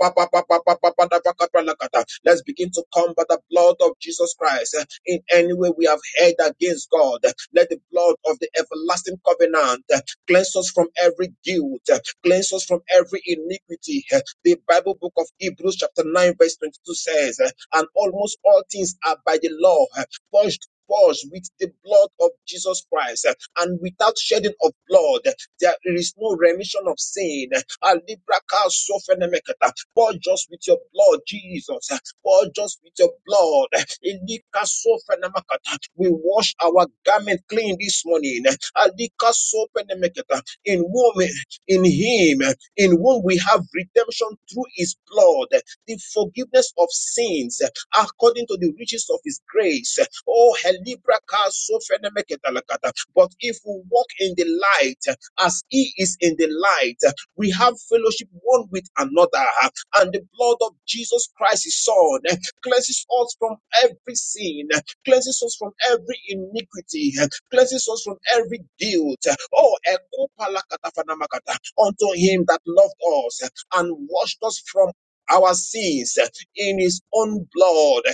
Let's begin to come by the blood of Jesus Christ. In any way we have heard against God, let the blood of the everlasting covenant cleanse us from every guilt, Cleanse us from every iniquity. The Bible book of Hebrews chapter 9 verse 22 says, and almost all things are by the law purged purged with the blood of Jesus Christ, and without shedding of blood, there is no remission of sin. Alibraka sofenemeketa. Purge us with your blood, Jesus. Purge us with your blood. Elika sofenemakata. We wash our garment clean this morning. Alika sofenemeketa. In womb in him, in whom we have redemption through his blood, the forgiveness of sins, according to the riches of his grace. Oh, helibra ka so fenemeketalakata. but if we walk in the light as he is in the light, we have fellowship one with another, and the blood of Jesus Christ, his son, cleanses us from every sin, cleanses us from every iniquity, cleanses us from every guilt. Oh, ekopalakatafanamakata, unto him that loved us and washed us from our sins in his own blood.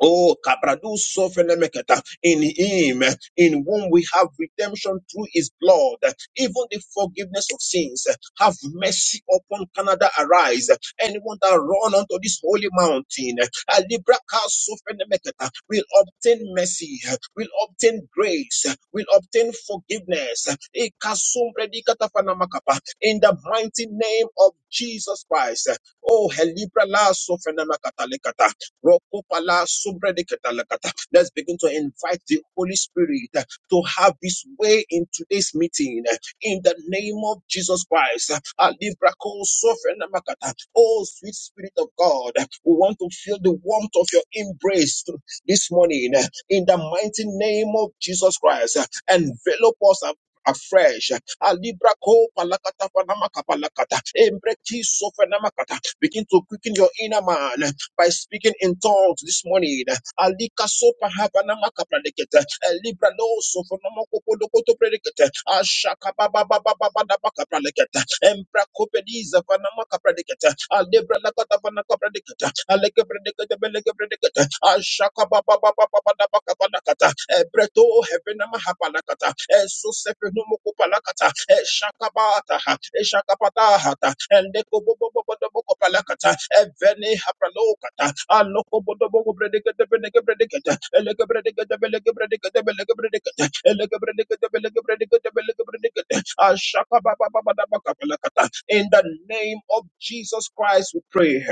Oh, Kabradu Sofenemeketa, in him, in whom we have redemption through his blood, even the forgiveness of sins. Have mercy upon Canada, arise. Anyone that run onto this holy mountain, Alibraka Sofenemeketa, will obtain mercy, will obtain grace, will obtain forgiveness. Ikasumbredikatafanamakapa, In the mighty name of Jesus Christ. Oh, Helibra La Sofenemakata Lekata. Rokopala sobredeketalakata. Let's begin to invite the Holy Spirit uh, to have his way in today's meeting. uh, In the name of Jesus Christ. Uh, Alibrakon sofrenamakata. Oh, sweet Spirit of God, uh, we want to feel the warmth of your embrace to- this morning. uh, In the mighty name of Jesus Christ, Uh, envelop us and afresh. Alibra ko palakata panamaka palakata. Embreki sofenamakata. Begin to quicken your inner man by speaking in tongues this morning. Alika sopa havana maka predicate. Libra no sofa no moko podo koto predicate. Ashaka baba baba baba da baka predicate. Embra kopediza vana maka predicate. Alibra la kata vana ka predicate. Aleke predicate beleke predicate. Ashaka baba baba baba da baka Ebreto hevenama habalakata. Esusefenumu kupalakata. Eshakabata. Eshakapata hata. Endekobobobobobobokopalakata. Evene hapralokata. Alokobodobogobredigedebenegebredigete. Elegebredigedebelegebredigedebelegebredigete. Elegebredigedebelegebredigedebelegebredigete. Ashakabababababakapalakata. In the name of Jesus Christ, we pray.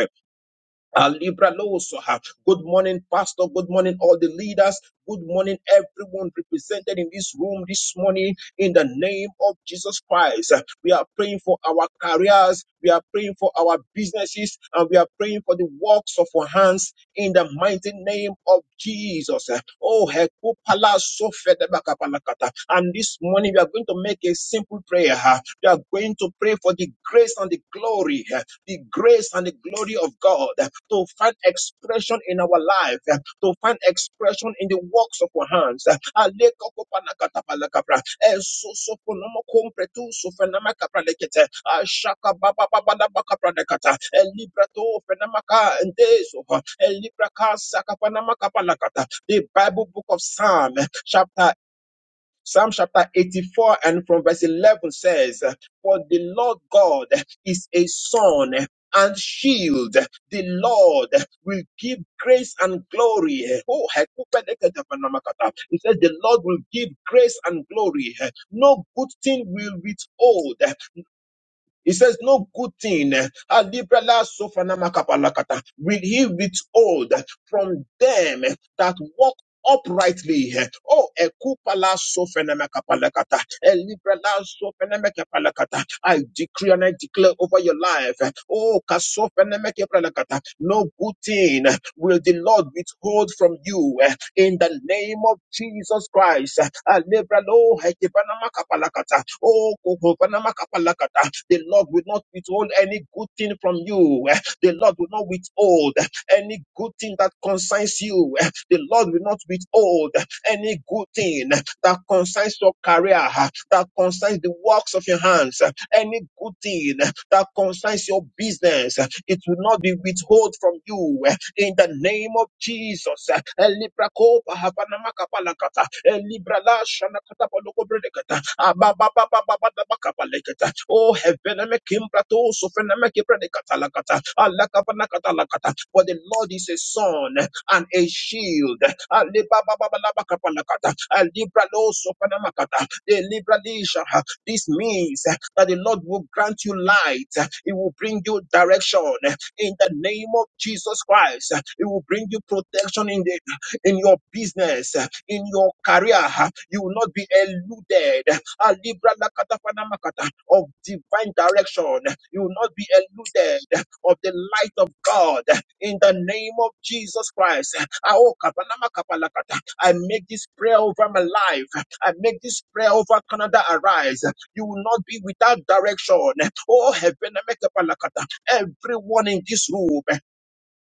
Ah, Libra Losoha. Good morning, Pastor. Good morning, all the leaders. Good morning, everyone represented in this room this morning. In the name of Jesus Christ, Ah, we are praying for our careers, we are praying for our businesses, and we are praying for the works of our hands in the mighty name of Jesus. Ah, Oh, Hekupala Sofedebakapalakata. and this morning we are going to make a simple prayer. Ah, We are going to pray for the grace and the glory the grace and the glory of God eh, to find expression in our life, eh, to find expression in the works of our hands. eh. Alekokopalakatapalakapra, eh, sosoponomokompretusofenamakapralekete, ah, shakabababababakapradekata, eh, libratofenamakaendeso, eh, librakasakapanamakapanakata. The Bible book of Psalm, eh, chapter Psalm chapter 84 and from verse 11 says, For the Lord God is a sun and shield. The Lord will give grace and glory. Oh, hekupedekedepenamakata. it says the Lord will give grace and glory. No good thing will withhold he says, No good thing eh, Alibra-la sofanamakapalakata, will he withhold from them eh, that walk uprightly. eh. Oh, ekupala sofanamakapalakata, elibra-la sofanamakapalakata. I decree and I declare over your life. eh, Oh, kasofanamakapalakata, no good thing will the Lord withhold from you eh, in the name of Jesus Christ. eh, Alebra lo hekebana makapalakata, oh, kokobana makapalakata. The Lord will not withhold any good thing from you. eh, The Lord will not withhold eh, any good thing that concerns you. eh, The Lord will not withhold eh, any good thing eh, that concerns your career, eh, that concerns the works of your hands, eh, any good thing eh, that concerns your business, eh. it will not be withheld from you. eh in the name of Jesus. Elibra kopa havana makapalakata. Elibra la shana katapaloko bredekata. Abababababababakabalekata. Oh, heaven, I'm a kimbrato, so fenamaki predicata lakata. Alakabanakata lakata. For the Lord is a son and a shield. Alibabababalabakapalakata. Alibra lo so fenamakata. Elibra lisha. This means that the Lord will grant you light. He will bring you direction in the name of Jesus Christ. It will bring you protection in the in your business, in your career. You will not be eluded Ah, Libra lakata panamakata, of divine direction. You will not be eluded of the light of God in the name of Jesus Christ. Ah, oh, kapanama kapalakata. I make this prayer over my life. I make this prayer over Canada arise. You will not be without direction. Oh, heaven, I make a palakata. everyone in this room.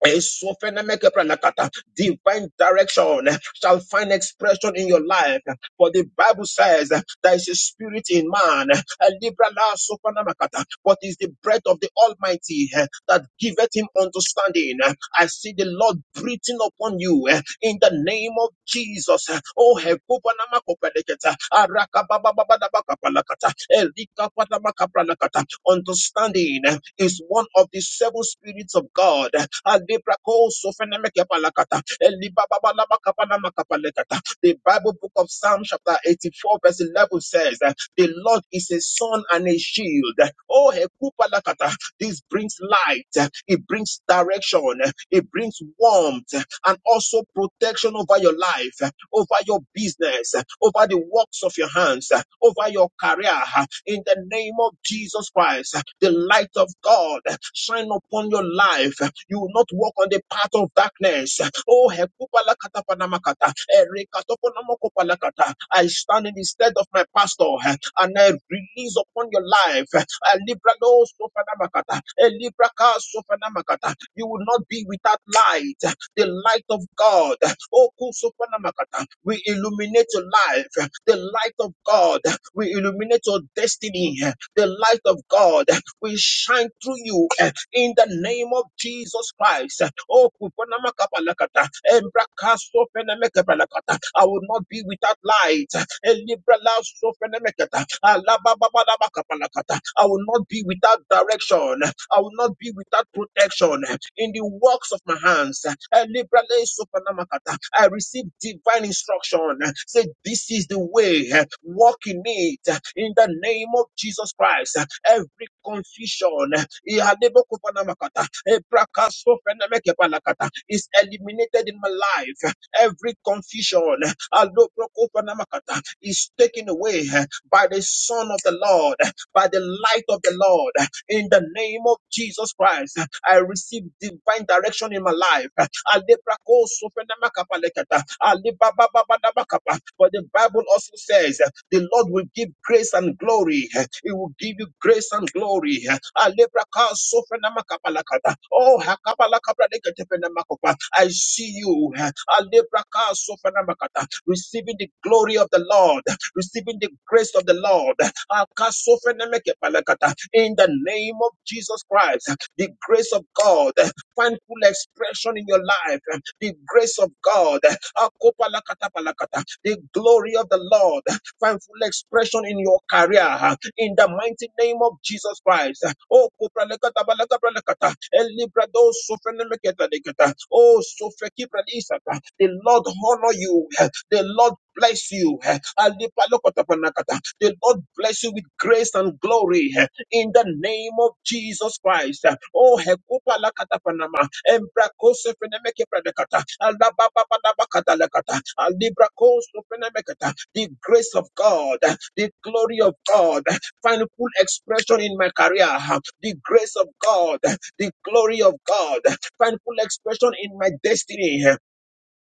Esofenemekepranakata. Divine direction shall find expression in your life. For the Bible says there is a spirit in man, a liberal sofenemakata, but it's the breath of the Almighty that giveth him understanding. I see the Lord breathing upon you you eh, in the name of Jesus. eh. Oh, hekupanama kopeleketa, arakabababababakapalakata, elikapanamakapralakata. understanding eh, is one of the seven spirits of God. eh, alibrakosofenemekepalakata, elibababalabakapanamakapalegata. The Bible book of Psalm chapter 84 verse 11 says that the Lord is a sun and a shield. Oh, Hekupalakata, this brings light, it brings direction, it brings warmth, and also protection over your life, over your business, over the works of your hands, over your career. In the name of Jesus. Jesus Christ, the light of God shine upon your life. You will not walk on the path of darkness. Oh, hekupalakatapanamakata, erekatoponamakopalakata. I stand in the stead of my pastor and I release upon your life. a libralo sofanamakata, a libraka sofanamakata. You will not be without light the light of God. Oh, Kusopanamagata, We illuminate your life. The light of God. We illuminate your destiny. The light of God. We shine through you eh, in the name of Jesus Christ. Oh, Kupanamakabalakata, Embrakasopenamakapalakata. I will not be without light. Elibra la sofenemeketa. Alabababadabakapalakata. I will not be without direction. I will not be without protection in the works of my hands. Elibra le sofenemakata. I receive divine instruction. Say, This is the way. Walk in it in the name of Jesus Christ. Every confusion. Ihadebokopanemakata. Ebrakasopenemekepalakata is eliminated in my life. Every confusion aloprokopenemakata, is taken away eh, by the Son of the Lord, by the light of the Lord. In the name of Jesus Christ, I receive divine direction in my life. Aleprakosopenemakepalakata, alebababababakapa. For the Bible also says the Lord will give grace and glory. He will give you grace and glory. Alebraka sofenamakapalakata. Oh, hakabalakabradeketefenamakopa. I see you. Alebraka sofenamakata. Receiving the glory of the Lord, receiving the grace of the Lord. Akasofenemekepalakata. In the name of Jesus Christ, the grace of God, find full depression in your life, uh, the grace of God, uh, akopalakatabakata, the glory of the Lord, uh, find full expression in your career, uh, in the mighty name of Jesus Christ. Oh, kopralakatabalakabralakata, elibrado sofeneleketalikata, oh, sofekibralisata. the Lord honor you, uh, the Lord bless you. Alipalokotapanakata. The Lord bless you with grace and glory eh, in the name of Jesus Christ. Oh, hekupalakatapanama. Embrakosefenemekepredekata. Alababababakatalakata. Alibrakosofenemekata. The grace of God, eh, the glory of God, eh, find full expression in my career. eh. The grace of God, eh, the glory of God, eh, find full expression in my destiny.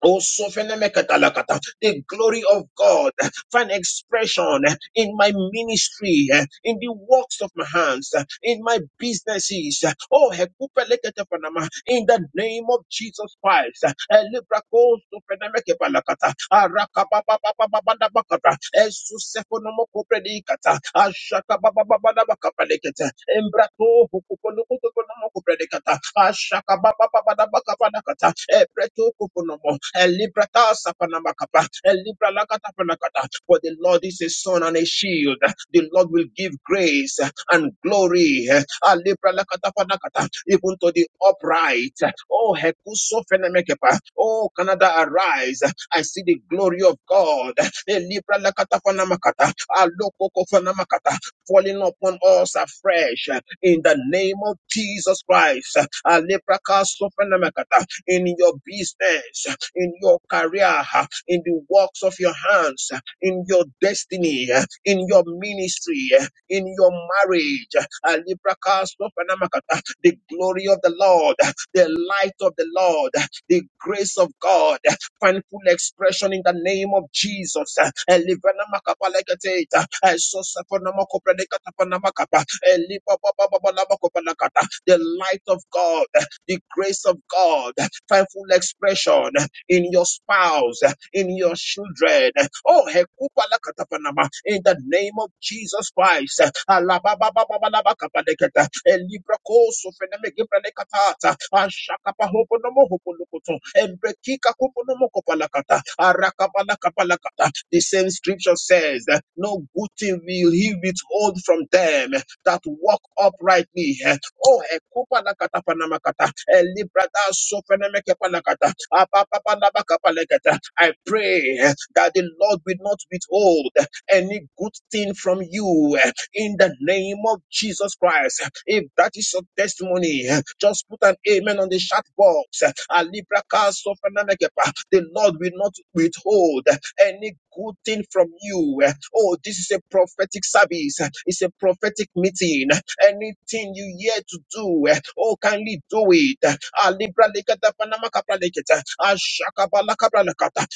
Oh, sofenemeketalakata. The glory of God eh, find expression eh, in my ministry, eh, in the works of my hands, eh, in my businesses. eh. Oh, hekupeleketepanama. in the name of Jesus Christ. eh, elebrakos sofenemekepalakata. Arakabababababababakata. Esusefonomokopredikata. Ashakabababababakapalekete. Embrato hukuponokotokonomokopredikata. Ebredicata, Ashaka Baba Baba da Baka Panakata, Ebretu Kukunomo, Elibrata Sapanamakapa, Elibra Lakata Panakata. For the Lord is a son and a shield. The Lord will give grace and glory. Alibra Lakata Panakata, even to the upright. Oh, Hekuso Fenemekepa, oh, Canada, arise. I see the glory of God. Elibra Lakata Panamakata, Alokoko Panamakata, falling upon us afresh uh, in the name of Jesus Christ. Uh, Alebrakasofenemekata, In your business, uh, in your career, uh, in the works of your hands, uh, in your destiny, uh, in your ministry, uh, in your marriage. uh, Alebrakasofenemekata, The glory of the Lord, uh, the light of the Lord, uh, the grace of God. uh, find full expression in the name of Jesus. Elivana makapalekete, esosaponamakopredekatapanamaka, elipapapapapalabakopalakata. The light of God, the grace of God, find full expression in your spouse, in your children. Oh, hekubalakatapanama, in the name of Jesus Christ. Alabababababalabakabaleketa, elibrakosofenemegibranekatata, ashakapahoponomohopolokoto, ebrekikakopomokopalakata, arakabalakabalakata. The same scripture says, No good thing will he withhold from them that walk uprightly. Oh, ekupa na kata panama kata. Elibrada sofene meke panakata. Apapapana bakapanakata. I pray eh, that the Lord will not withhold eh, any good thing from you eh, in the name of Jesus Christ. If that is your testimony, eh, just put an amen on the chat box. Alibraka sofene mekepa. The Lord will not withhold eh, any good thing from you. Eh, Oh, this is a prophetic service. Eh, It's a prophetic meeting eh. Anything you here to do, eh, oh, kindly do it. Ah, libra lekata, panama kapra lekata, ah, shakaba lakabra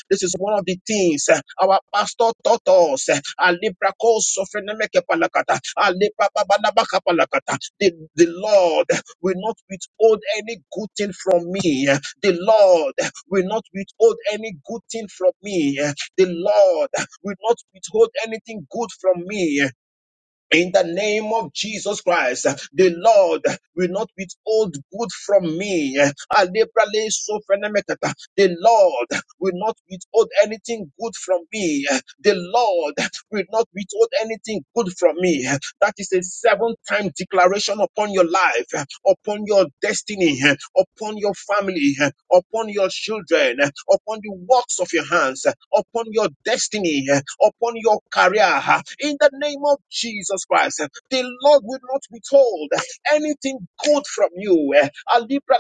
This is one of the things eh, our pastor taught us. eh, ah, libra ko sofrenemeke palakata, ah, libra babalabaka palakata. The the Lord will not withhold any good thing from me. eh. The Lord will not withhold any good thing from me. eh. The Lord will not withhold anything good from me. eh. In the name of Jesus Christ, the Lord will not withhold good from me. Alebrale sofenemekata. The Lord will not withhold anything good from me. The Lord will not withhold anything good from me. That is a seven time declaration upon your life, upon your destiny, upon your family, upon your children, upon the works of your hands, upon your destiny, upon your career. In the name of Jesus Christ, the Lord will not withhold anything good from you. Alibra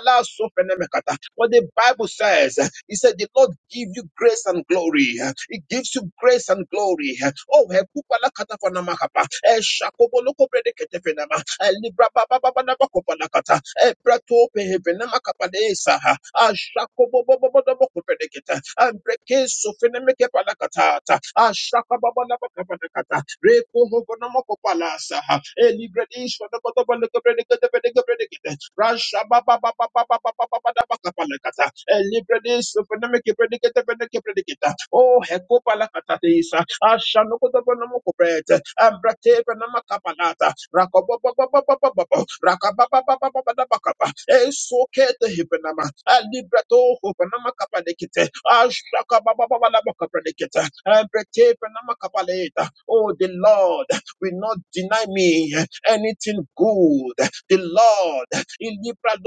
What the Bible says. He said, The Lord give you grace and glory. He gives you grace and glory. Oh, he kupala kata. hekupala katafanamahapa. Eh, shakobolokopede ketefenama. Eh, librababababanabakopanakata. Eh, pratopehevenamakapalesa. Ah, shakobobobobobobopedeketa. Ah, brekesofenemekepalakatata. Ah, shakababanabakopanakata. Rekohogonomokopalasa. Eh, libre de ish fana ba ba ba loko brede kete fene ke brede kete. Rasha Baba Baba Baba Baba Baba Elibredis Fenemiki Predicate Veneki Predicata. Oh Hecopa la Catatisa. Ashanoko Bonomoko Bread. Ambrate Benama Capalata. Rakobo Baba Baba Baba. Rakababa Baba Baba Baba. Esoke the Hibbenama. Alibrato Hobanama Capalicate. Ashaka Baba Baba Baba Predicata. Ambrate Benama Capaleta. Oh the Lord will not deny me eh, anything good. The Lord, in Libra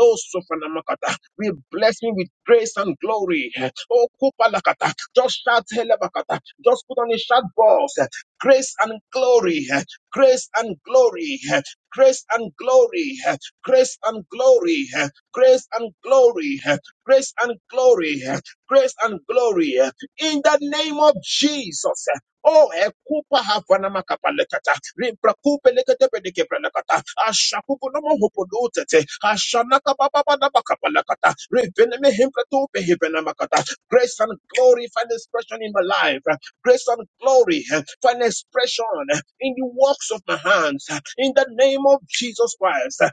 will bless me with grace and glory. Oh, Kupalakata, just shout Helebakata, just put on a shout box. Grace and glory, grace and glory, grace and glory, grace and glory, grace and glory, grace and glory, grace and glory, eh, in the name of Jesus. Oh, ekupa havana makapalekata, limprakupe lekete pedike no hopolutete, ashanaka papa na makapalekata, reveneme himpratupe hivena Grace and glory find expression in my life. Grace and glory find expression in the works works of my hands. In the name of Jesus Christ,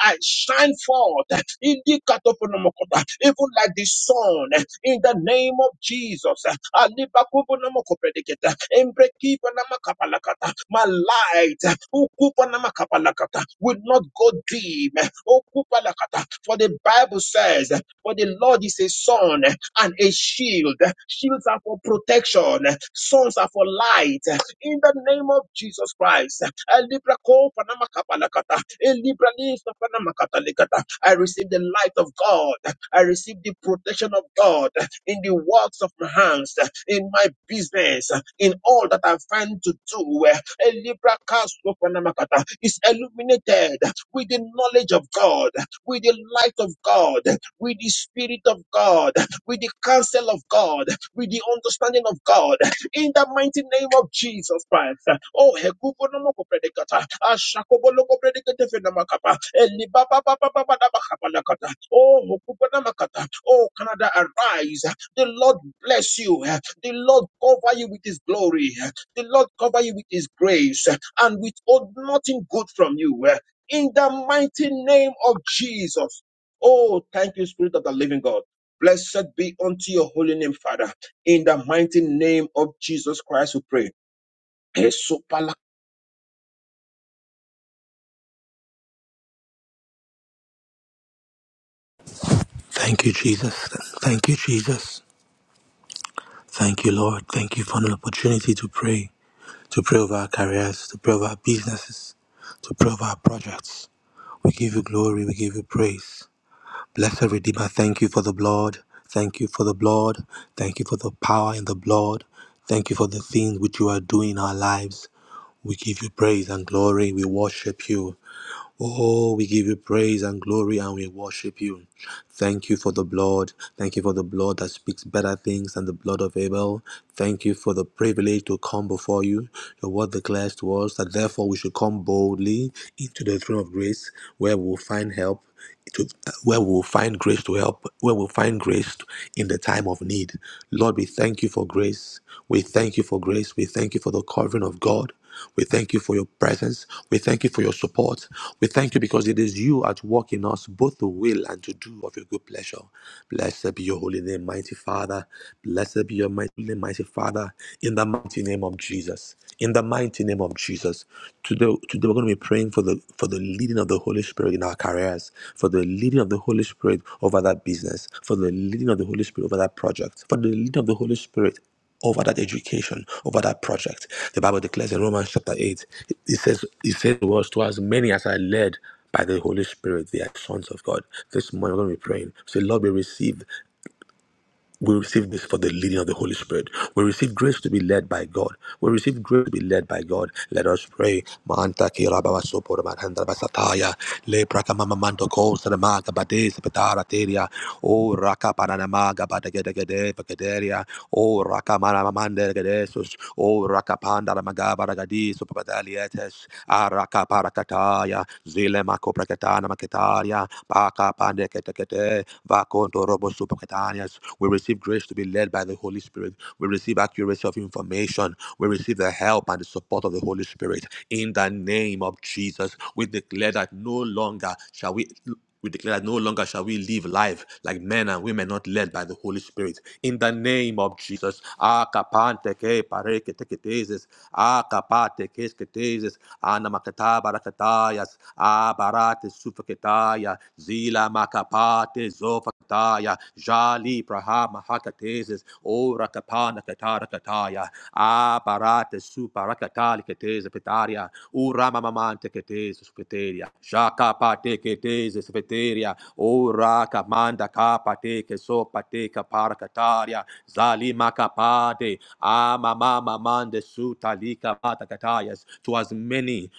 I shine forth Indikatoponomokota, even like the sun. In the name of Jesus, Alibakubonomokopediketa, Embrekibonamakapalakata, my light Ukubonamakapalakata, will not go dim. him. Oh, kupalakata. For the Bible says, For the Lord is a sun and a shield. Shields are for protection, sons are for light. In the name of Jesus Christ. Eh, Libra ko panama kapalakata. Eh, Libra lis na panama katalikata. I receive the light of God. I receive the protection of God in the works of my hands, uh, in my business, uh, in all that I find to do. uh, A Libra cast of Panamakata is illuminated with the knowledge of God, with the light of God, with the Spirit of God, with the counsel of God, with the understanding of God. In the mighty name of Jesus Christ. uh, Oh, Hekubo no moko predicata, Ashakobo loco predicate fenamakapa, Elibaba Baba Baba Baba Baba Baba Lakata. Oh, Hokubo Namakata. Oh, Canada, arise. The Lord bless you. The Lord cover you with his glory. The Lord cover you with his grace and withhold nothing good from you. In the mighty name of Jesus. Oh, thank you, Spirit of the living God. Blessed be unto your holy name, Father. In the mighty name of Jesus Christ, we pray. Thank you, Jesus. Thank you, Jesus. Thank you, Lord. Thank you for an opportunity to pray, to pray over our careers, to pray over our businesses, to pray over our projects. We give you glory, we give you praise. Blessed Redeemer, thank you for the blood. Thank you for the blood. Thank you for the power in the blood. Thank you for the things which you are doing in our lives. We give you praise and glory. We worship you. Oh, we give you praise and glory and we worship you. Thank you for the blood. Thank you for the blood that speaks better things than the blood of Abel. Thank you for the privilege to come before you. Your word declares to us that therefore we should come boldly into the throne of grace where we will find help to where we will find grace to help, where we'll find grace to- in the time of need. Lord, we thank you for grace. We thank you for grace. We thank you for the covering of God. We thank you for your presence. We thank you for your support. We thank you because it is you at work in us, both to will and to do of your good pleasure. Blessed be your holy name, mighty Father. Blessed be your mighty name, mighty Father, in the mighty name of Jesus. In the mighty name of Jesus. Today, today we're going to be praying for the for the leading of the Holy Spirit in our careers, for the leading of the Holy Spirit over that business, for the leading of the Holy Spirit over that project, for the leading of the Holy Spirit over that education, over that project. The Bible declares in Romans chapter 8, it says, it says the words to as many as are led by the Holy Spirit, they are sons of God. This morning we're going to be praying. Say, Lord, we receive. We receive this for the leading of the Holy Spirit. We receive grace to be led by God. We receive grace to be led by God. Let us pray. Manta ki raba wa sopo raba handra ba sataya. Le praka mama manto ko sana maga sepetara teria. O raka panana maga gede gede ba O raka mana mamande gedesus. O raka panda la maga ragadi sopo A raka parakataya. Zile mako Ketana Maketaria, Baka Pande Ketekete, Vakonto Robo Supaketanias. We receive grace to be led by the Holy Spirit. We receive accuracy of information. We receive the help and the support of the Holy Spirit. In the name of Jesus, we declare that no longer shall we we declare that no longer shall we live life like men and women not led by the Holy Spirit. In the name of Jesus. Ah, kapante ke pare ke te ke tezes. Acapate kesketeses, anamakata barakatayas, abarate sufaketaya, zila makapate zofakataya, jali prahama hakateses, ora kapana katarakataya, abarate suparakataliketese teze petaria, ura mamamante che teze supeteria, shaka pate che teze supeteria, ura kamanda kapate che sopate kaparkataria, zali makapade, ama mama mande sutalika patakatayas, to as many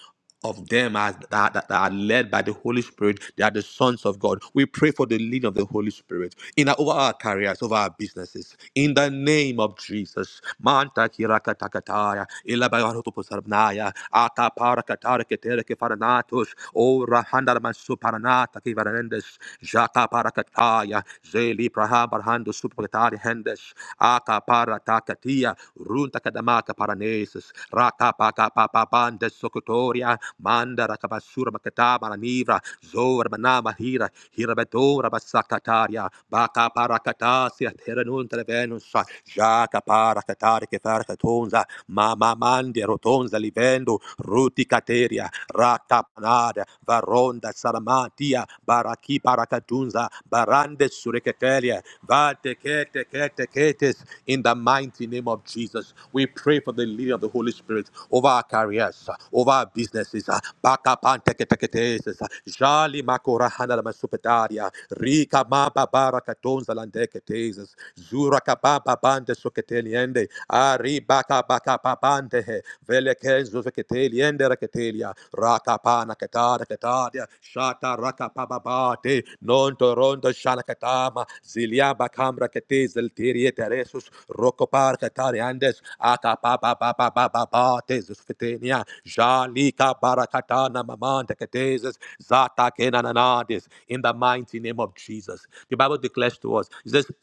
of them as that, that are led by the Holy Spirit, they are the sons of God. We pray for the leading of the Holy Spirit in our, over our careers, over our businesses. In the name of Jesus. Manta kirakatakataya, ilabayarotoposarnaya, ataparakatareketerekefaranatos, orahandaramansuparanatakivaranendes, jataparakataya. Kataya, Zeli Praha Barhando Supratari Hendes, Aka Para Takatia, Runta Kadamaka Paranesis, Raka Paka Papa Banda Sokotoria, Manda Rakabasura Makataba Ranivra, Zora Manama Hira, Hirabedora Basakataria, Baka Parakatasia, Teranunta Venus, Jaka Parakatari Kefarkatonza, mama mande rotonza livendo ruti kateria ratapanada varonda saramatia baraki parakatunza barande sureketelia vate kete kete ketes in the mighty name of Jesus we pray for the leading of the Holy Spirit over our careers over our businesses baka pante kete ketes jali makora hana la masupetaria rika maba barakatunza landeke teses zura kababa bande keteliende. Ari baka baka papante he. Vele kenzo keteliende raketelia. Raka pana ketada ketadia. Shata raka papabate. Non toronto shalakatama. Zilia bakamra kete zeltirie teresus. Rokopar ketariandes. Aka papa papa papa pate zusketenia. Jalika barakatana mamante ketezes. Zata kenananades. In the mighty name of Jesus. The Bible declares to us, it says,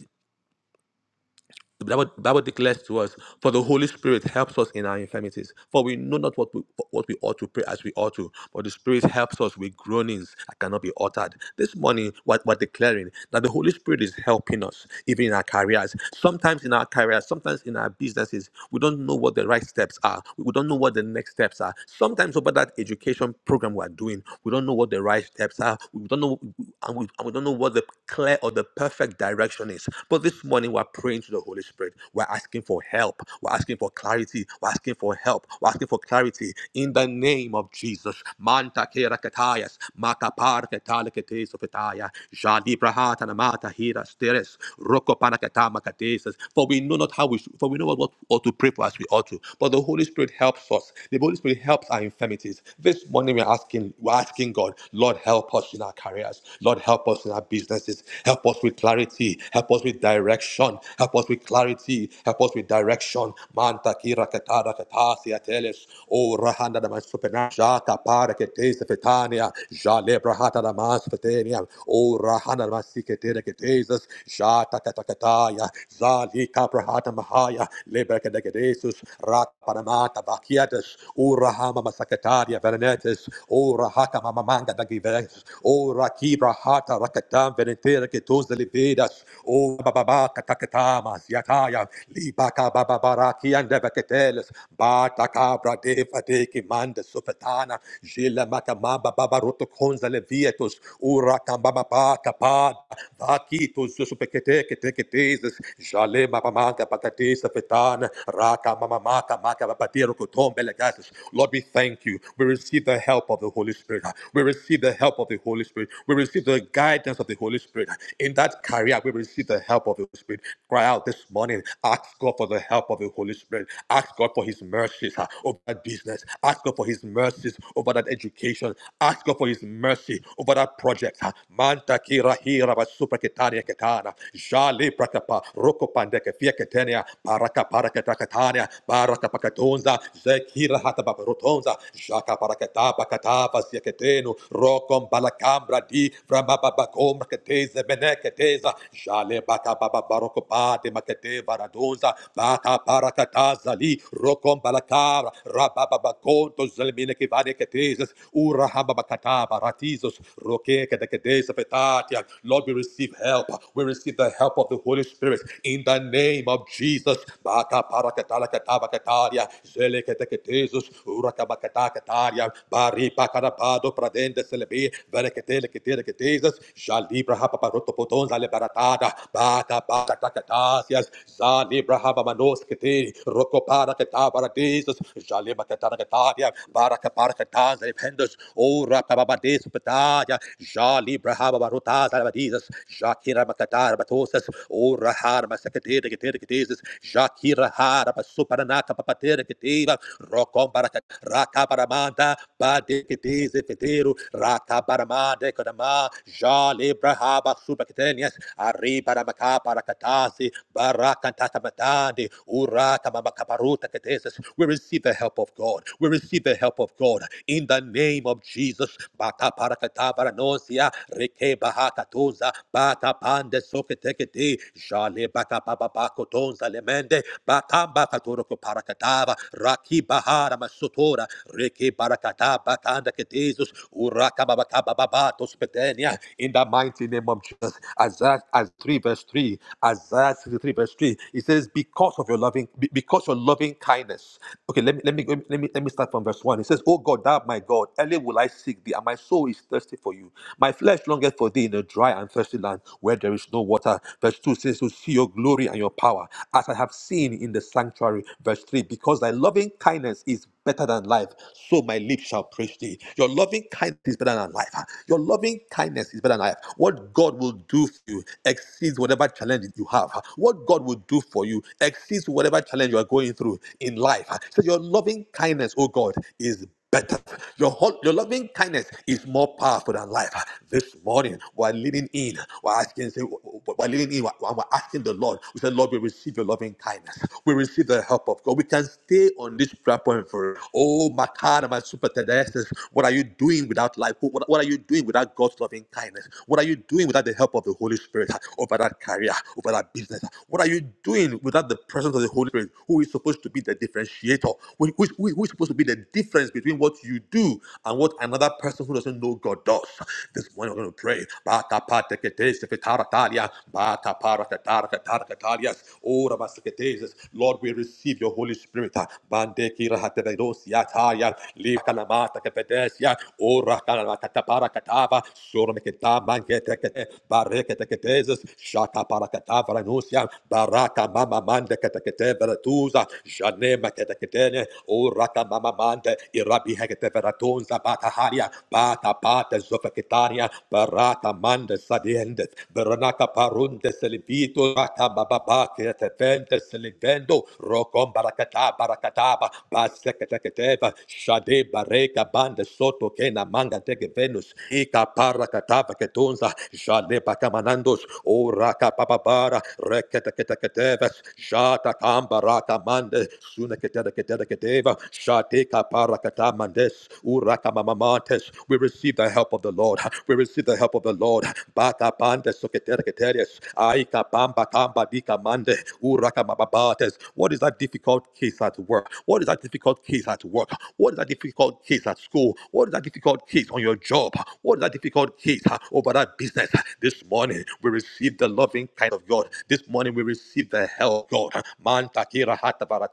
the Bible, Bible declares to us, for the Holy Spirit helps us in our infirmities. For we know not what we, what we ought to pray as we ought to, but the Spirit helps us with groanings that cannot be uttered. This morning, what we're declaring that the Holy Spirit is helping us, even in our careers. Sometimes in our careers, sometimes in our businesses, we don't know what the right steps are. We don't know what the next steps are. Sometimes about that education program we're doing, we don't know what the right steps are. We don't know, and we, and we don't know what the clear or the perfect direction is things. But this morning we're praying to the Holy Spirit. We're asking for help. We're asking for clarity. We're asking for help. We're asking for clarity in the name of Jesus. Manta kera katayas, makapar ketale ketes ofetaya, jadi brahata namata hira steres, roko pana katama katesis. For we know not how we should, for we know not what ought to pray for as we ought to. But the Holy Spirit helps us. The Holy Spirit helps our infirmities. This morning we're asking, we're asking God, Lord, help us in our careers. Lord, help us in our business consequences. Help us with clarity. Help us with direction. Help us with clarity. Help us with direction. Manta kira katara katasi ateles. O rahanda da masupena. Jata para ketese fetania. Jale brahata da fetania. O rahanda da masiketere keteses. Jata katakataya. Zali kabrahata mahaya. Lebrekedegedesus. Rat panamata vakiatus. O rahama masakataria verenetes. O rahaka mamamanga da gives. O Rakibra Hata Rakatam Venetera Ketos Delivedas, O Baba Katakatamas Yataya, Libaka Babaraki and Devaketeles, Bata Cabra Deva Deki Manda Sufetana, Gila Matamaba Babaroto Conza Levietos, Urakam Baba Kapad, Vakitos Supeketeke Teketes, Jale Mamamaka Pakates Fetana, Raka Mamamaka Maka Patero Kotom Belegates. Lord, we thank you. We receive the help of the Holy Spirit. Spirit. We receive the help of the Holy Spirit. We receive the guidance of the Holy Spirit. In that career, we receive the help of the Holy Spirit. Cry out this morning. Ask God for the help of the Holy Spirit. Ask God for His mercies ah, over that business. Ask God for His mercies over that education. Ask God for His mercy over that project. ah. Manta kira hira ba supra ketania ketana. Jale prakapa roko pandeke fia ketenia. Baraka paraka takatania. Baraka pakatonza. Zekira hata babarotonza. Shaka parakata pakata pasiaketenu. Rokom palakambra di framababakom keteze beneketeza. Jale baka baba barokopate makete varadunza. Baka parakata zali. Rokom palakara rabababakonto zelmine Ura hababakata baratizos. Roke kedeketeza petatia. Lord, we receive help. We receive the help of the Holy Spirit in the name of Jesus. Baka parakata lakata bakataria. Veleketekatesus, Urakabacatakataria, Bari Pacarabado, Pradende Celebi, Veleketeleketeketesas, Jalibra Hapaparoto Potons, Alebaratada, Bata Bacatacatasias, Zalibra Habamanos Kete, Rocopara Catabaradesus, Jalima Cataracataria, Baracaparcatas, Ependus, Ora Pabades Pataria, Jalibra Habarutas, Alabadisas, Shakira Macatar Batosas, Ora Harma Secatekateketesas, Shakira Har para suparanaka papatera que teva rocom para raka paramanda bade que diz fetero raka paramanda kadama jale brahaba subakitenias ari para maka para katasi baraka tatamatande uraka mamakaparuta ketesis we receive the help of God we receive the help of God in the name of Jesus baka para katabara nosia reke bahaka tuza baka pande sokete kete jale baka papa Bakotonza Lemende, Batamba Katoroko Parakatava, Raki Bahara Masotora, Reki Barakata Batanda Ketesus, Uraka Babakaba Babatos Petenia, in the mighty name of Jesus. Isaiah as 3 verse 3, Isaiah 63 verse 3, it says, Because of your loving, be- because your loving kindness. Okay, let me let me let me let me let me start from verse 1. It says, Oh God, thou art my God, early will I seek thee, and my soul is thirsty for you. My flesh longeth for thee in a dry and thirsty land where there is no water. Verse 2 says, To see your glory and your power, as I have seen in the sanctuary. Verse 3 Because thy loving kindness is better than life, so my lips shall praise thee. Your loving kindness is better than life. huh? Your loving kindness is better than life. What God will do for you exceeds whatever challenge you have. huh? What God will do for you exceeds whatever challenge you are going through in life. So your loving kindness, oh God, is better. Your, whole, your loving kindness is more powerful than life. This morning, we're leading in. We're asking, say, we're leading in. We're, we're asking the Lord. We said, Lord, we receive your loving kindness. We receive the help of God. We can stay on this prayer point for, oh, my God, my super tenderness. What are you doing without life? What, what are you doing without God's loving kindness? What are you doing without the help of the Holy Spirit over that career, over that business? What are you doing without the presence of the Holy Spirit, who is supposed to be the differentiator? who, who- who is supposed to be the the difference between what you do and what another person who doesn't know God does. This morning we're going to pray. Bata patekete seketaratalia, bata paratataratataratalias, ora baseketeses. Lord, we receive your Holy Spirit. Bandeki rahatevedosiatalia, likalamata kepedesia, ora kalamataparakatava, soromeketa mangetekete, bareketeketeses, shakaparakatavaranosia, baraka mama mande ketekete veretuza, janema keteketene, O rata mama manda, irabi hegete veratonza bata haria, bata bata zofaketaria, barata manda sadiende, veronata parunde selivito, rata bababa che te vende selivendo, rocom barakata barakataba, baseketeva, shade bareka banda soto che na manga teke venus, ika parakatava ketonza, shade bakamanandos, o raka papabara, rekete keteva, jata kambarata mande, we receive the help of the Lord. We receive the help of the Lord. Bakapandes, soketereketeres, aikapambakambadikamande, urakamababates. What is that difficult case at work? What is that difficult case at work? What is that difficult case at school? What is that difficult case on your job? What is that difficult case uh, over that business? This morning we receive the loving kind of God. This morning we receive the help of God. Man takira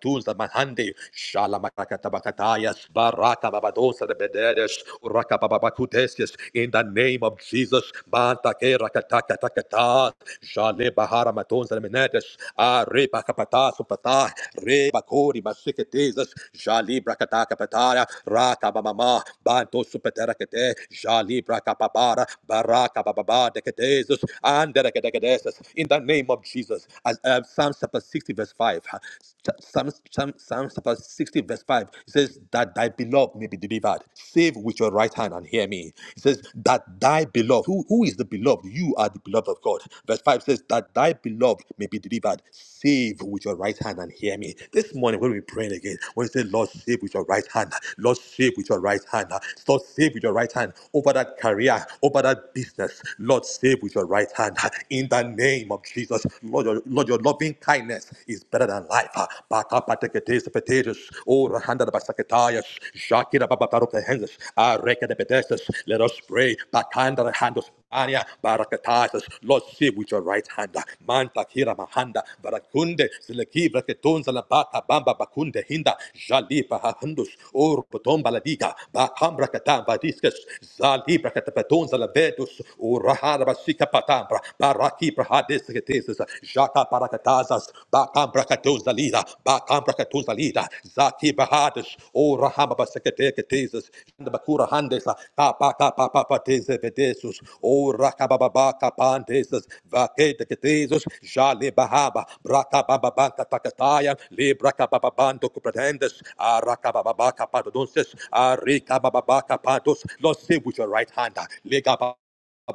Ratunza Mahande, Shalamarakatabatayas, Baraka Babadosa de Bededes, Uraka Babakutesias, in the name of Jesus, Banta Kerakatakatakata, Jale Bahara Matonza Menedes, Arepa Kapata Supata, Reba Kori Masiketesas, Jali Brakataka Pataya, Raka Bamama, Banto Supeterakate, Jali Brakapapara, Baraka Bababa Decadesus, and Decadesus, in the name of Jesus, as uh, Psalm chapter 60, verse 5. Psalm, Psalm, Psalm chapter 60, verse 5, it says, That thy beloved may be delivered. Save with your right hand and hear me. It says, That thy beloved, who, who is the beloved? You are the beloved of God. Verse 5 says, That thy beloved may be delivered. Save with your right hand and hear me. This morning, when we pray again, when we say, Lord, save with your right hand, Lord, save with your right hand, Lord, save with your right hand over that career, over that business, Lord, save with your right hand in the name of Jesus. Lord, your, Lord, your loving kindness is better than life. Ah, baka pateketes petetes, o rahanda da basaketayas, shakira babataro pehenses, areke de pedeses. Let us pray. Bakanda da handos, ania baraketayas. Lord, save with your right hand. Ah, Manta kira mahanda, barakunde, selekivra ketonza la baka bamba bakunde hinda, jalipa hahandus, o potomba la diga, bakambra ketam vadiskas, zalibra ketapetons la vedus, o rahara basika patambra, baraki brahadesketes, jaka parakatazas, bakam brakatozalida, bakam brakatozalida, zaki brahades, o rahama baseketeketes, bakura handesa, kapaka papapatese vedesus, o rakababaka pandeses, ketesis, jale bahaba, brakababanka takataya, librakababando kupratendes, arakababaka padonses, arikababaka pados, Lord, save with your right hand, legaba.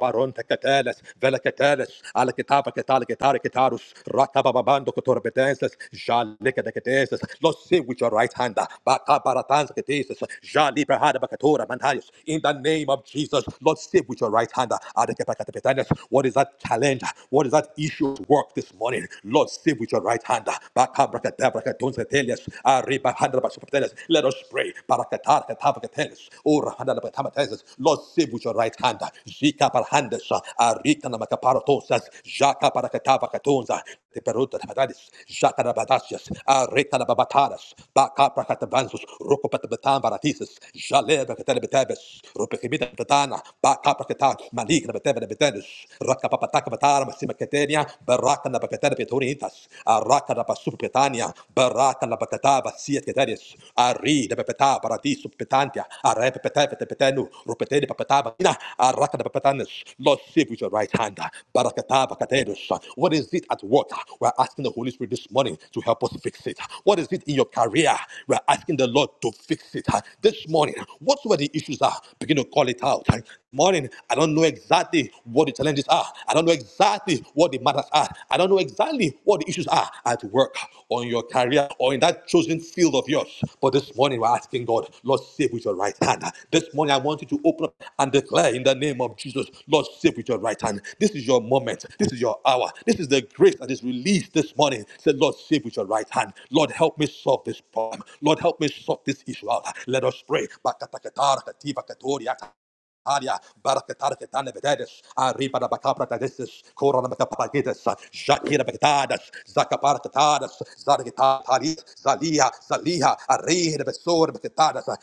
Baron Cateles, Vela Cateles, Ala Kitapa Catala Catari Catarus, Rakababando Cotorbetenses, Jalika de Catesis, Los Sea with your right hand, Baka Baratans Catesis, Jali Perhada Bacatura Mantayus, in the name of Jesus, Lord, save with your right hand, Adakatakatenes. What is that challenge? What is that issue at work this morning? Lord, save with your right hand, Baka Bracatabracatons Catelius, Arriba Handra Basupetenes. Let us pray, Barakatar Parke Pavkates, Ora Hanana Patamatases, Lord save with your right hand, Zika Parhandes, Arika na Namakaparatosas, Jaka Parakatavakatonza, the Peruta Hadadis, Jaka Rabadasias, Arika na Nababataras, Baka Prakatavansus, Rukopatabatan Baratises, Jale Bakatabes, Rupekimita Batana, Baka Prakata, Malik Nabatabes, Rakapapataka Batara, Massimakatania, Baraka Nabakatabitoritas, Araka na Catania, Baraka la Bacataba, Sia Tedaris, Ari, the Pepeta, Paradiso Petantia, Arep Petepete Petenu, Rupete de Papetaba, Araka de Petanus, Lord, save with your right hand, Barakataba Catenus. What is it at work? We're asking the Holy Spirit this morning to help us fix it. What is it in your career? We're asking the Lord to fix it. This morning, whatsoever the issues are, begin to call it out morning, I don't know exactly what the challenges are. I don't know exactly what the matters are. I don't know exactly what the issues are at work or in your career or in that chosen field of yours. But this morning, we're asking God, Lord, save with your right hand. This morning, I want you to open up and declare in the name of Jesus, Lord, save with your right hand. This is your moment. This is your hour. This is the grace that is released this morning. Say, Lord, save with your right hand. Lord, help me solve this problem. Lord, help me sort this issue out. Let us pray. Bakatakatar, katiba, katoriata, Aria, Barakatara Ketana Vededes, Arriba da Bacabra Tadesis, Cora da Bacapagides, Shakira Begdadas, Zacapara Tatadas, Zargitaris, Zalia, Zalia, Arri de Besor Becetadas,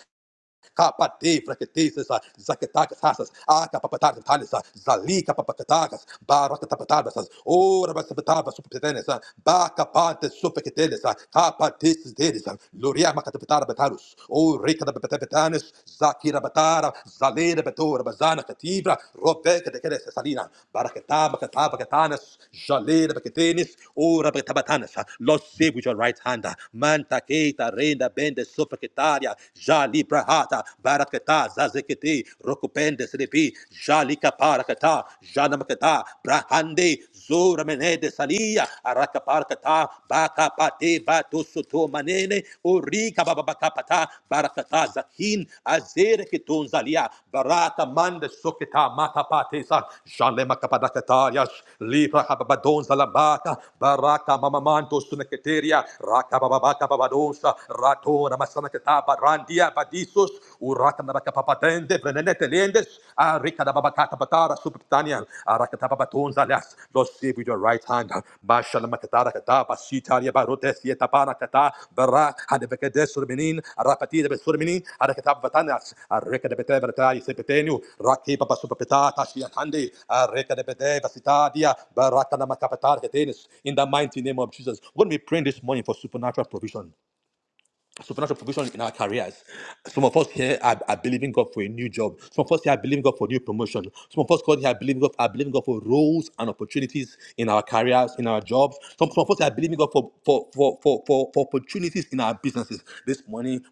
kapate fraketesis, zaketakas hasas, akapapatas talis, zalika papakatas, barakatapatabas, ora basapatabas supertenes, bakapantes superketenes, kapatis delis, luria makatapatara batarus, o rekatapatanes, zakira batara, zalera betora bazana katibra, robeka de keres salina, barakataba kataba katanas, jalera baketenis, ora bakatabatanasa, los save with your right hand, manta keita renda bende superketaria, Jali Brahata, Barakata, Zazekiti, Rokupende Sripi, Jali Kaparakata, Janamakata, Brahande, Zura Menede Salia, Arakaparakata, Baka Pate, Batu Suto Manene, Urika Babakapata, Barakata Zakin, Azere Kitun Zalia, Barata Mande Soketa, Makapatesa, Jale Makapadakatarias, Libra Hababadon Zalabaka, Baraka Mamamanto Suneketeria, Rakababaka Babadonsa, Rato Kora Masanakata Barandia Badisus Urata Papatende Venenete Lendes Arika Babakata Batara Subtania Arakata Babatons Alias save with your right hand Bashala Makatara Kata Basitaria Barotes Yetapana Kata Bara Hadebekedes Surminin Arapati de Surminin Arakata Batanas Arika de Bete Sepetenu Raki Baba Supapetata Shiatandi Arika de Bete Basitadia Baraka Namakapatar Ketenis in the mighty name of Jesus. We're praying this morning for supernatural provision supernatural provision in our careers. Some of us here are, are believing God for a new job. Some of us here are believing God for new promotion. Some of us God here are believing God, are believing God for roles and opportunities in our careers, in our jobs. Some, some of us are believing God for, for, for, for, for, for opportunities in our businesses. This morning,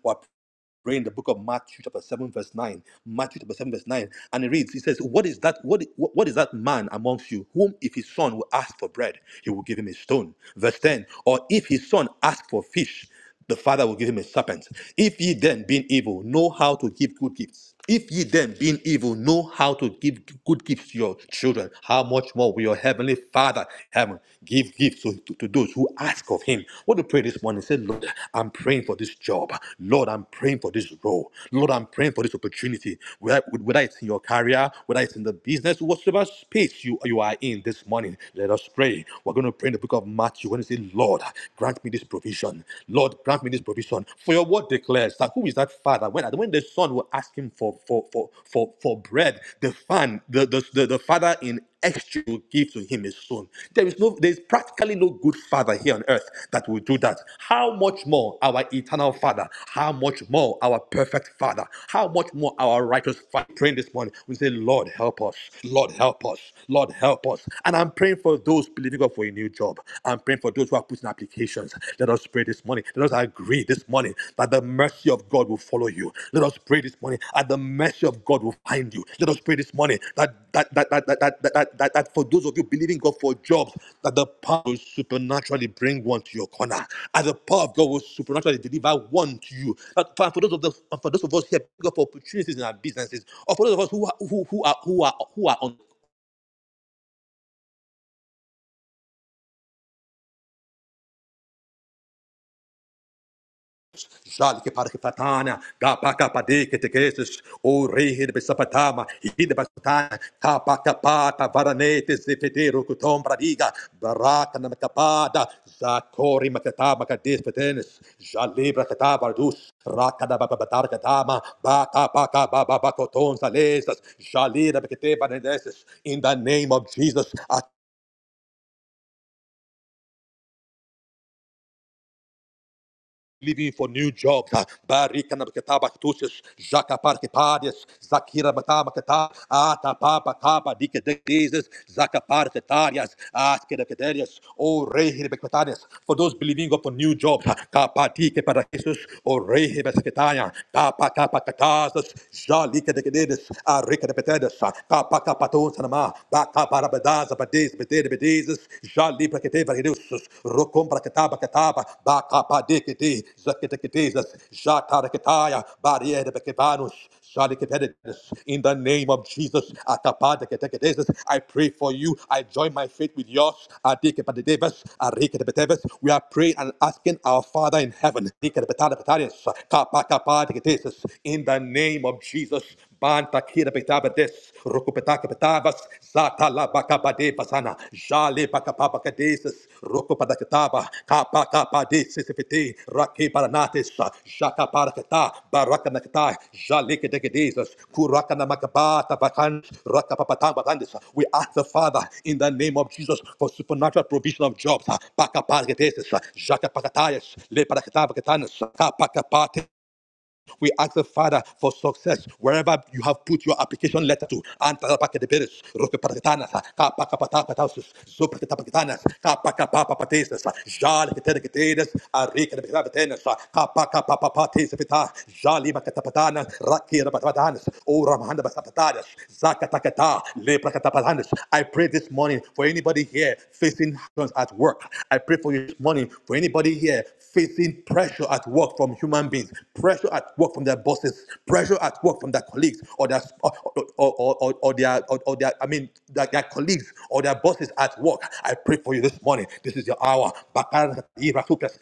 Read in the book of Matthew chapter 7, verse 9. Matthew chapter 7, verse 9. And it reads, he says, What is that? What, what what is that man amongst you whom if his son will ask for bread, he will give him a stone? Verse 10. Or if his son ask for fish, the father will give him a serpent. If ye then, being evil, know how to give good gifts. If ye then, being evil, know how to give good gifts to your children, how much more will your heavenly Father, heaven, give gifts to, to- to those who ask of him? What to pray this morning? Say, Lord, I'm praying for this job. Lord, I'm praying for this role. Lord, I'm praying for this opportunity. Whether, whether it's in your career, whether it's in the business, whatever space you, you are in this morning, let us pray. We're going to pray in the book of Matthew when you say, Lord, grant me this provision. Lord, grant me this provision provision. For your word declares that who is that father? When, when the son will ask him for for for for, for bread, the fan, the, the, the, the father in extra will give to him his son. There is no there is practically no good father here on earth that will do that. How much more our eternal father, how much more our perfect father, how much more our righteous father praying this morning. We say, Lord help us, Lord help us, Lord help us. And I'm praying for those believing God for a new job up. I'm praying for those who are putting applications. Let us pray this morning. Let us agree this morning that the mercy of God will follow you. Let us pray this morning that the mercy of God will find you. Let us pray this morning that that that that that that, that, that, that for those of you believing God for jobs, that the power will supernaturally bring one to your corner. And the power of God will supernaturally deliver one to you. But for, for those of the, for those of us here, God for opportunities in our businesses, or for those of us who are who, who are who are who are on Jalke parke gapaka padeke tekesis, o rehid besapatama, hid kapaka pata varanete zefetero kutom bradiga, baraka namakapada, zakori makatama kadis petenis, jalibra katabardus, rakada babatar katama, baka baka bababakoton salesas, jalira bekete vanedesis, in the name of Jesus, living for new jobs. ah, Barika na bakata bakatushas, jaka parke parias, zakira bata bakata, ata papa kapa dike dezes, zaka parte tarias, aske o rei rebekatarias. For those believing up for new jobs, ah, kapa para Jesus, o rei rebekataria, kapa kapa katasas, jalike de kederes, arika rika de petedas, kapa kapa tonsanama, baka para bedaza, bedes, bedes, bedes, Jali brakete varedeus, rokom braketa baketaba, bakapa dekete, zaketeketezas, jataraketaya, barriere bekevanus, jalikevededus. In the name of Jesus, akapa deketeketezas, I pray for you. I join my faith with yours. Adekepadedevas, arekedebetevas. We are praying and asking our Father in heaven. deketepetadepetades, kapakapa deketezas. In the name of Jesus, Banta kira betabades, rokopetaka betabas, zata bakabade basana, jale bakapabacadesis, rokopadakataba, kapa kapa desisifiti, raki paranatis, jaka parakata, barakanakata, jale kedekedesis, kurakana makabata bakan, rakapapata bakandis. We ask the Father in the name of Jesus for supernatural provision of jobs, bakaparakadesis, jaka pakatayas, le parakata bakatanis, Kapa kapate, we ask the Father for success wherever you have put your application letter to. Antarapakedeperes, rokepatatanas, kapakapatapatasus, zopaketapaketanas, kapakapapapateses, jaliketereketeres, arikedepeketenes, kapakapapapatesepeta, jalibaketapatanas, rakirebapatanes, oramandabasatatades, zakataketa, leprakatapatanes. I pray this morning for anybody here facing hardships at work. I pray for you this morning for anybody here facing pressure at work from human human beings, pressure at work from their bosses, pressure at work from their colleagues or their or, or, or, or, or their or, or their I mean their, their colleagues or their bosses at work. I pray for you this morning. This is your hour. Bakara ira supras,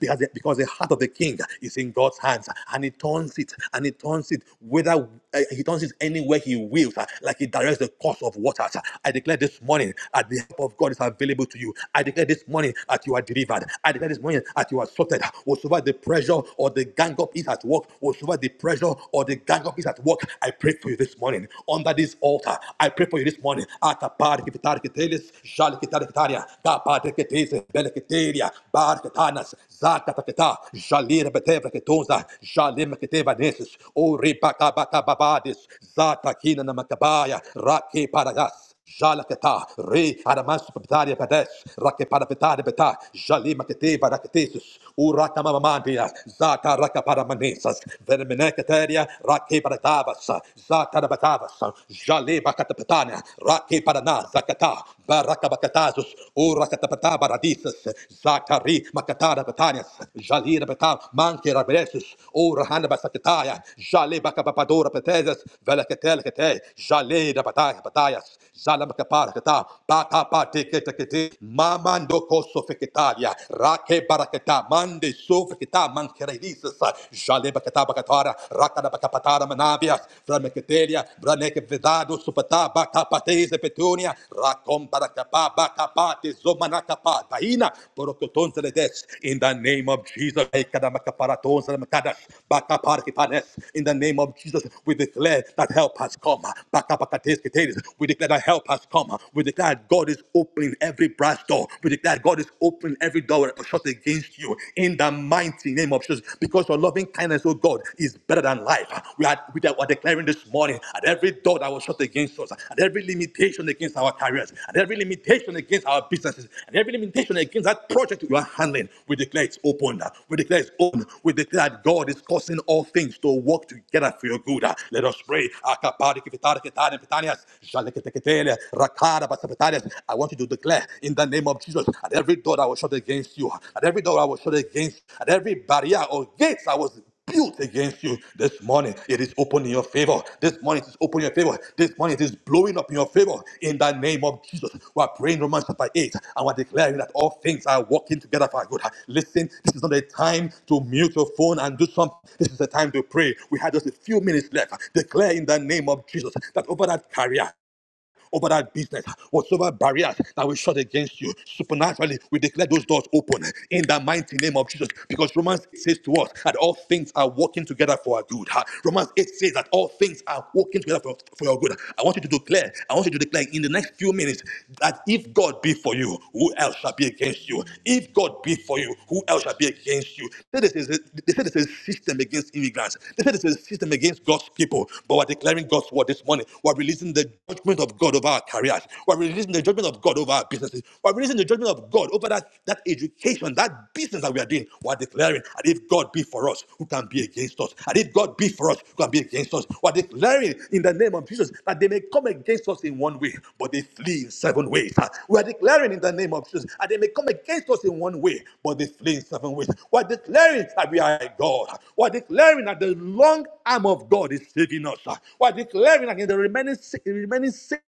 Because the, because the heart of the king is in God's hands and he turns it and he turns it whether uh, he turns it anywhere he wills, uh, like he directs the course of waters. I declare this morning that the help of God is available to you. I declare this morning that you are delivered. I declare this morning that that you are sorted, will survive the pressure or the gang up is at work, will survive the pressure or the gang up is at work. I pray for you this morning under this altar. I pray for you this morning. Atapar kivitar kitelis, jali kitar kitaria, kapar kitese, bele kiteria, bar kitanas, zaka takita, jali rebeteva kitonza, jali mekiteva nesis, o ribaka baka babadis, zata kina namakabaya, raki paragas. Jalaketa, Re, Aramas, Pataria Padesh, Rakepatapetari Beta, Jali Makete, Baraketesis, Uraka Mamamandia, Zata Rakaparamanesas, Vermenecateria, Rake Paratavas, Zata Rabatavas, Jali Bakatapetana, Rake Parana, Zakata, Baraka Bakatazus, Urakatapata Baradisas, Zakari Makatara Batanias, Jali Rabata, Manke Raberesus, Urahana Basakataya, Jali Bakapapadora Petezas, Velakatelekate, Jali Rabataya Batayas, Zalabakaparakata, Patapatekete, Mamando Kosofeketaria, Rake Baraketa, Mande Sofeketa, Mankeredisas, Jalebakata Bakatara, Rakadabakapatara Manabias, Vrameketeria, Braneke Vedado Supata, Bakapateze Petunia, Rakom Barakapa, Bakapate Zomanakapa, Daina, Porokoton Zeledes, in the name of Jesus, Ekadamakaparaton Zelemakadas, Bakaparkipanes, in the name of Jesus, we declare that help has come. Bakapakates Keteris, we we declare that help has come. We declare that God is opening every brass door. We declare that God is opening every door that was shut against you in the mighty name of Jesus. Because your loving kindness, oh God, is better than life. We are, we are declaring this morning at every door that was shut against us, at every limitation against our careers, at every limitation against our businesses, and every limitation against that project you are handling, we declare it's open. We declare it's open. We declare that God is causing all things to work together for your good. Let us pray. I want you to declare in the name of Jesus at every door I was shut against you, at every door I was shut against, at every barrier or gate I was built against you this morning. It is open in your favor. This morning it is open in your favor. This morning it is blowing up in your favor. In the name of Jesus, we are praying Romans chapter 8 and we're declaring that all things are working together for our good. Listen, this is not a time to mute your phone and do something. This is a time to pray. We had just a few minutes left. Declare in the name of Jesus that over that career, over that business, whatsoever barriers that we shut against you, supernaturally, we declare those doors open in the mighty name of Jesus. Because Romans eight says to us that all things are working together for our good. Ha. Romans 8 says that all things are working together for, for your good. I want you to declare, I want you to declare in the next few minutes that if God be for you, who else shall be against you? If God be for you, who else shall be against you? They say this is a, they say this is a system against immigrants. They say this is a system against God's people. But we're declaring God's word this morning. We're releasing the judgment of God God over our careers. We're releasing the judgment of God over our businesses. We're releasing the judgment of God over that, that education, that business that we are doing. We're declaring, and if God be for us, who can be against us? And if God be for us, who can be against us? We're declaring in the name of Jesus that they may come against us in one way, but they flee in seven ways. Ah, We are declaring in the name of Jesus that they may come against us in one way, but they flee in seven ways. We're declaring that we are a God. We're declaring that the long arm of God is saving us. We're declaring that in the remaining, si, remaining six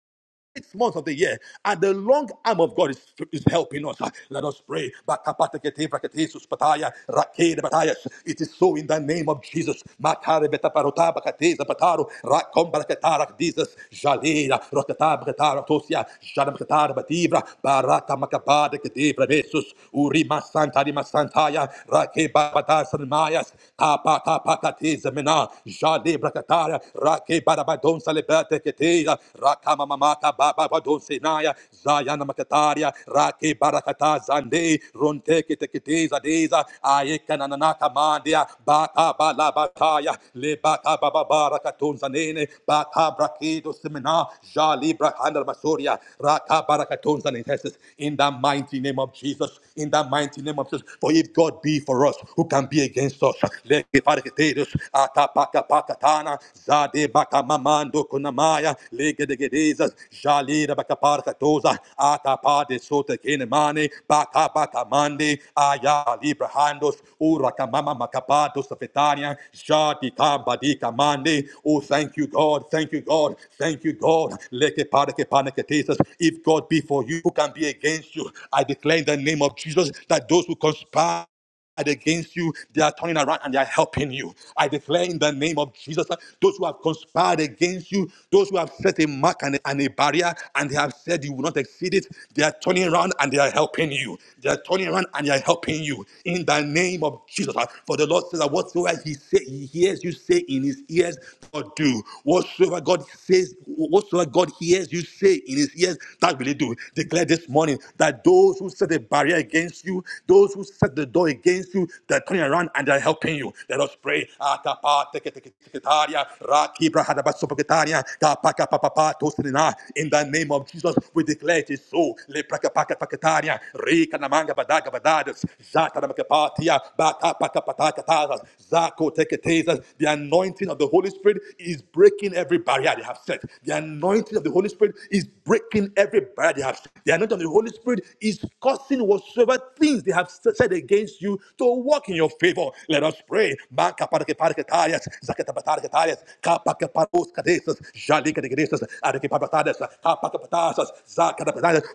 six months of the year, and the long arm of God is, is helping us. Ah, Let us pray. Bakapatekete brakete suspataya, rakede Batayas. It is so in the name of Jesus. Matare betaparota bakate bataro rakom baraketara Jesus, jalera, rokata braketara tosia, jana braketara batibra, barata makabade kedebra desus, urima santa rima santaya, rake babata sanmayas, kapata pakate zamena, jale braketara, barabadon salebete keteia, rakama mamata bababadon senaya, zayana makataria, rake barakata zande, ronte keteketeza deza, aeka nananaka mandia, baka balabataya, le baka bababarakaton zanene, baka brakedo semena, jali brakandar masoria, raka barakaton zanetesis, in the mighty name of Jesus, in the mighty name of Jesus, for if God be for us, who can be against us? Le keparekete Deus, Atapatapakatana, Zade Bacamamando Kunamaya, Legedegedezas, Jalira Bacaparcatosa, Atapade Sota Kenemane, Bacabacamande, Aya Librahandos, Urakamama Macapados of Etania, Jadi Kabadi Kamande. Oh, thank you, God, thank you, God, thank you, God. Leke Parake Panakatesas, if God be for you, who can be against you? I declare in the name of Jesus that those who conspire against you, they are turning around and they are helping you. I declare in the name of Jesus, uh, those who have conspired against you, those who have set a mark and a, and a barrier and they have said you will not exceed it, they are turning around and they are helping you. They are turning around and they are helping you in the name of Jesus. uh, For the Lord says that whatsoever He say, He hears you say in His ears, God do. Whatsoever God says, whatsoever God hears you say say in his ears, that will he do. Declare this morning that those who set a barrier against you, those who set the door against you, they're turning around and they're helping you. Let us pray. Atapa teke teke teke taria, raki brahada basopoketaria, kapa kapa tosinina. In the name of Jesus, we declare it is so. Le praka paka paketaria, re kanamanga badaga badadas, zata namakepatia, bata paka pataka tazas, zako Soteketes. The anointing of the Holy Spirit is breaking every barrier they have set. The anointing of the Holy Spirit is breaking every barrier they have set. The anointing of the Holy Spirit is causing whatsoever things they have said against you to walk in your favor. Let us pray.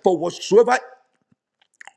For whatsoever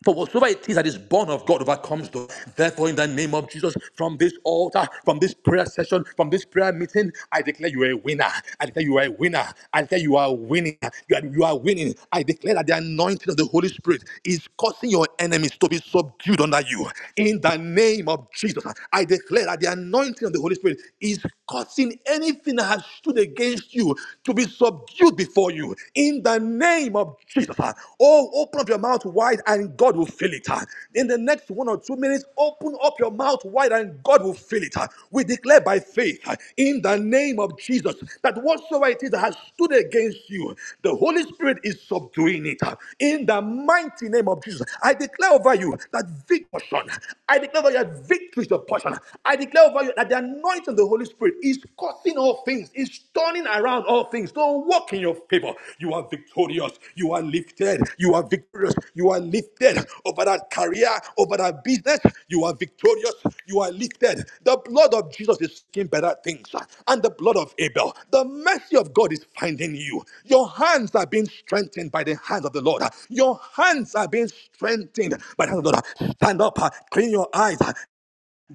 for whatsoever it is that is born of God overcomes the. Therefore, in the name of Jesus, from this altar, from this prayer session, from this prayer meeting, I declare you are a winner. I declare you are a winner. I declare you are winning. You are, you are winning. I declare that the anointing of the Holy Spirit is causing your enemies to be subdued under you. In the name of Jesus, I declare that the anointing of the Holy Spirit is causing anything that has stood against you to be subdued before you in the name of Jesus. uh, Oh, open up your mouth wide and God will fill it. uh. In the next one or two minutes, open up your mouth wide and God will fill it. uh. We declare by faith uh, in the name of Jesus that whatsoever it is that has stood against you, the Holy Spirit is subduing it. uh. In the mighty name of Jesus, I declare over you that victory, I declare over you that victory is your portion. I declare over you that the anointing of the Holy Spirit is causing all things, is turning around all things. Don't walk in your favor. You are victorious. You are lifted. You are victorious. You are lifted over that career, over that business. You are victorious. You are lifted. The blood of Jesus is speaking better things, and the blood of Abel. The mercy of God is finding you. Your hands are being strengthened by the hands of the Lord. Your hands are being strengthened by the hands of the Lord. Stand up, clean your eyes,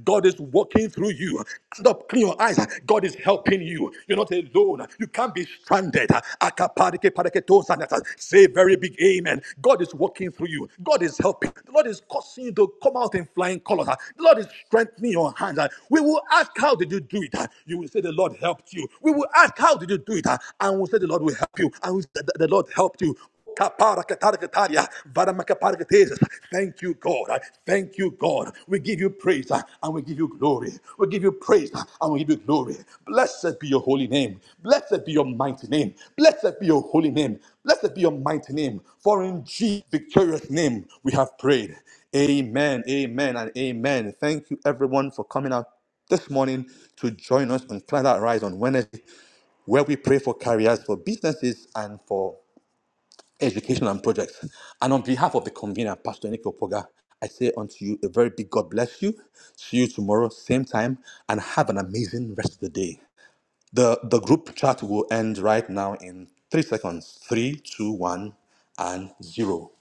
God is walking through you. Stand up, clean your eyes. God is helping you. You're not alone. You can't be stranded. Akaparike paraketozanata. Say very big amen. God is walking through you. God is helping. The Lord is causing you to come out in flying colors. The Lord is strengthening your hands. We will ask, How did you do it? You will say, The Lord helped you. We will ask, How did you do it? And we'll say, The Lord will help you. And we'll say, The the Lord helped you Kaparakatarikataria, varamakaparikatesis. Thank you, God. Thank you, God. We give you praise uh, and we give you glory. We give you praise uh, and we give you glory. Blessed be your holy name. Blessed be your mighty name. Blessed be your holy name. Blessed be your mighty name. For in Jesus' victorious name we have prayed. Amen, amen, and amen. Thank you, everyone, for coming out this morning to join us on Climate Rise on Wednesday, where we pray for careers, for businesses, and for education and projects. And on behalf of the convener, Pastor Nick Opoga, I say unto you a very big God bless you. See you tomorrow, same time, and have an amazing rest of the day. The the group chat will end right now in three seconds. Three, two, one, and zero.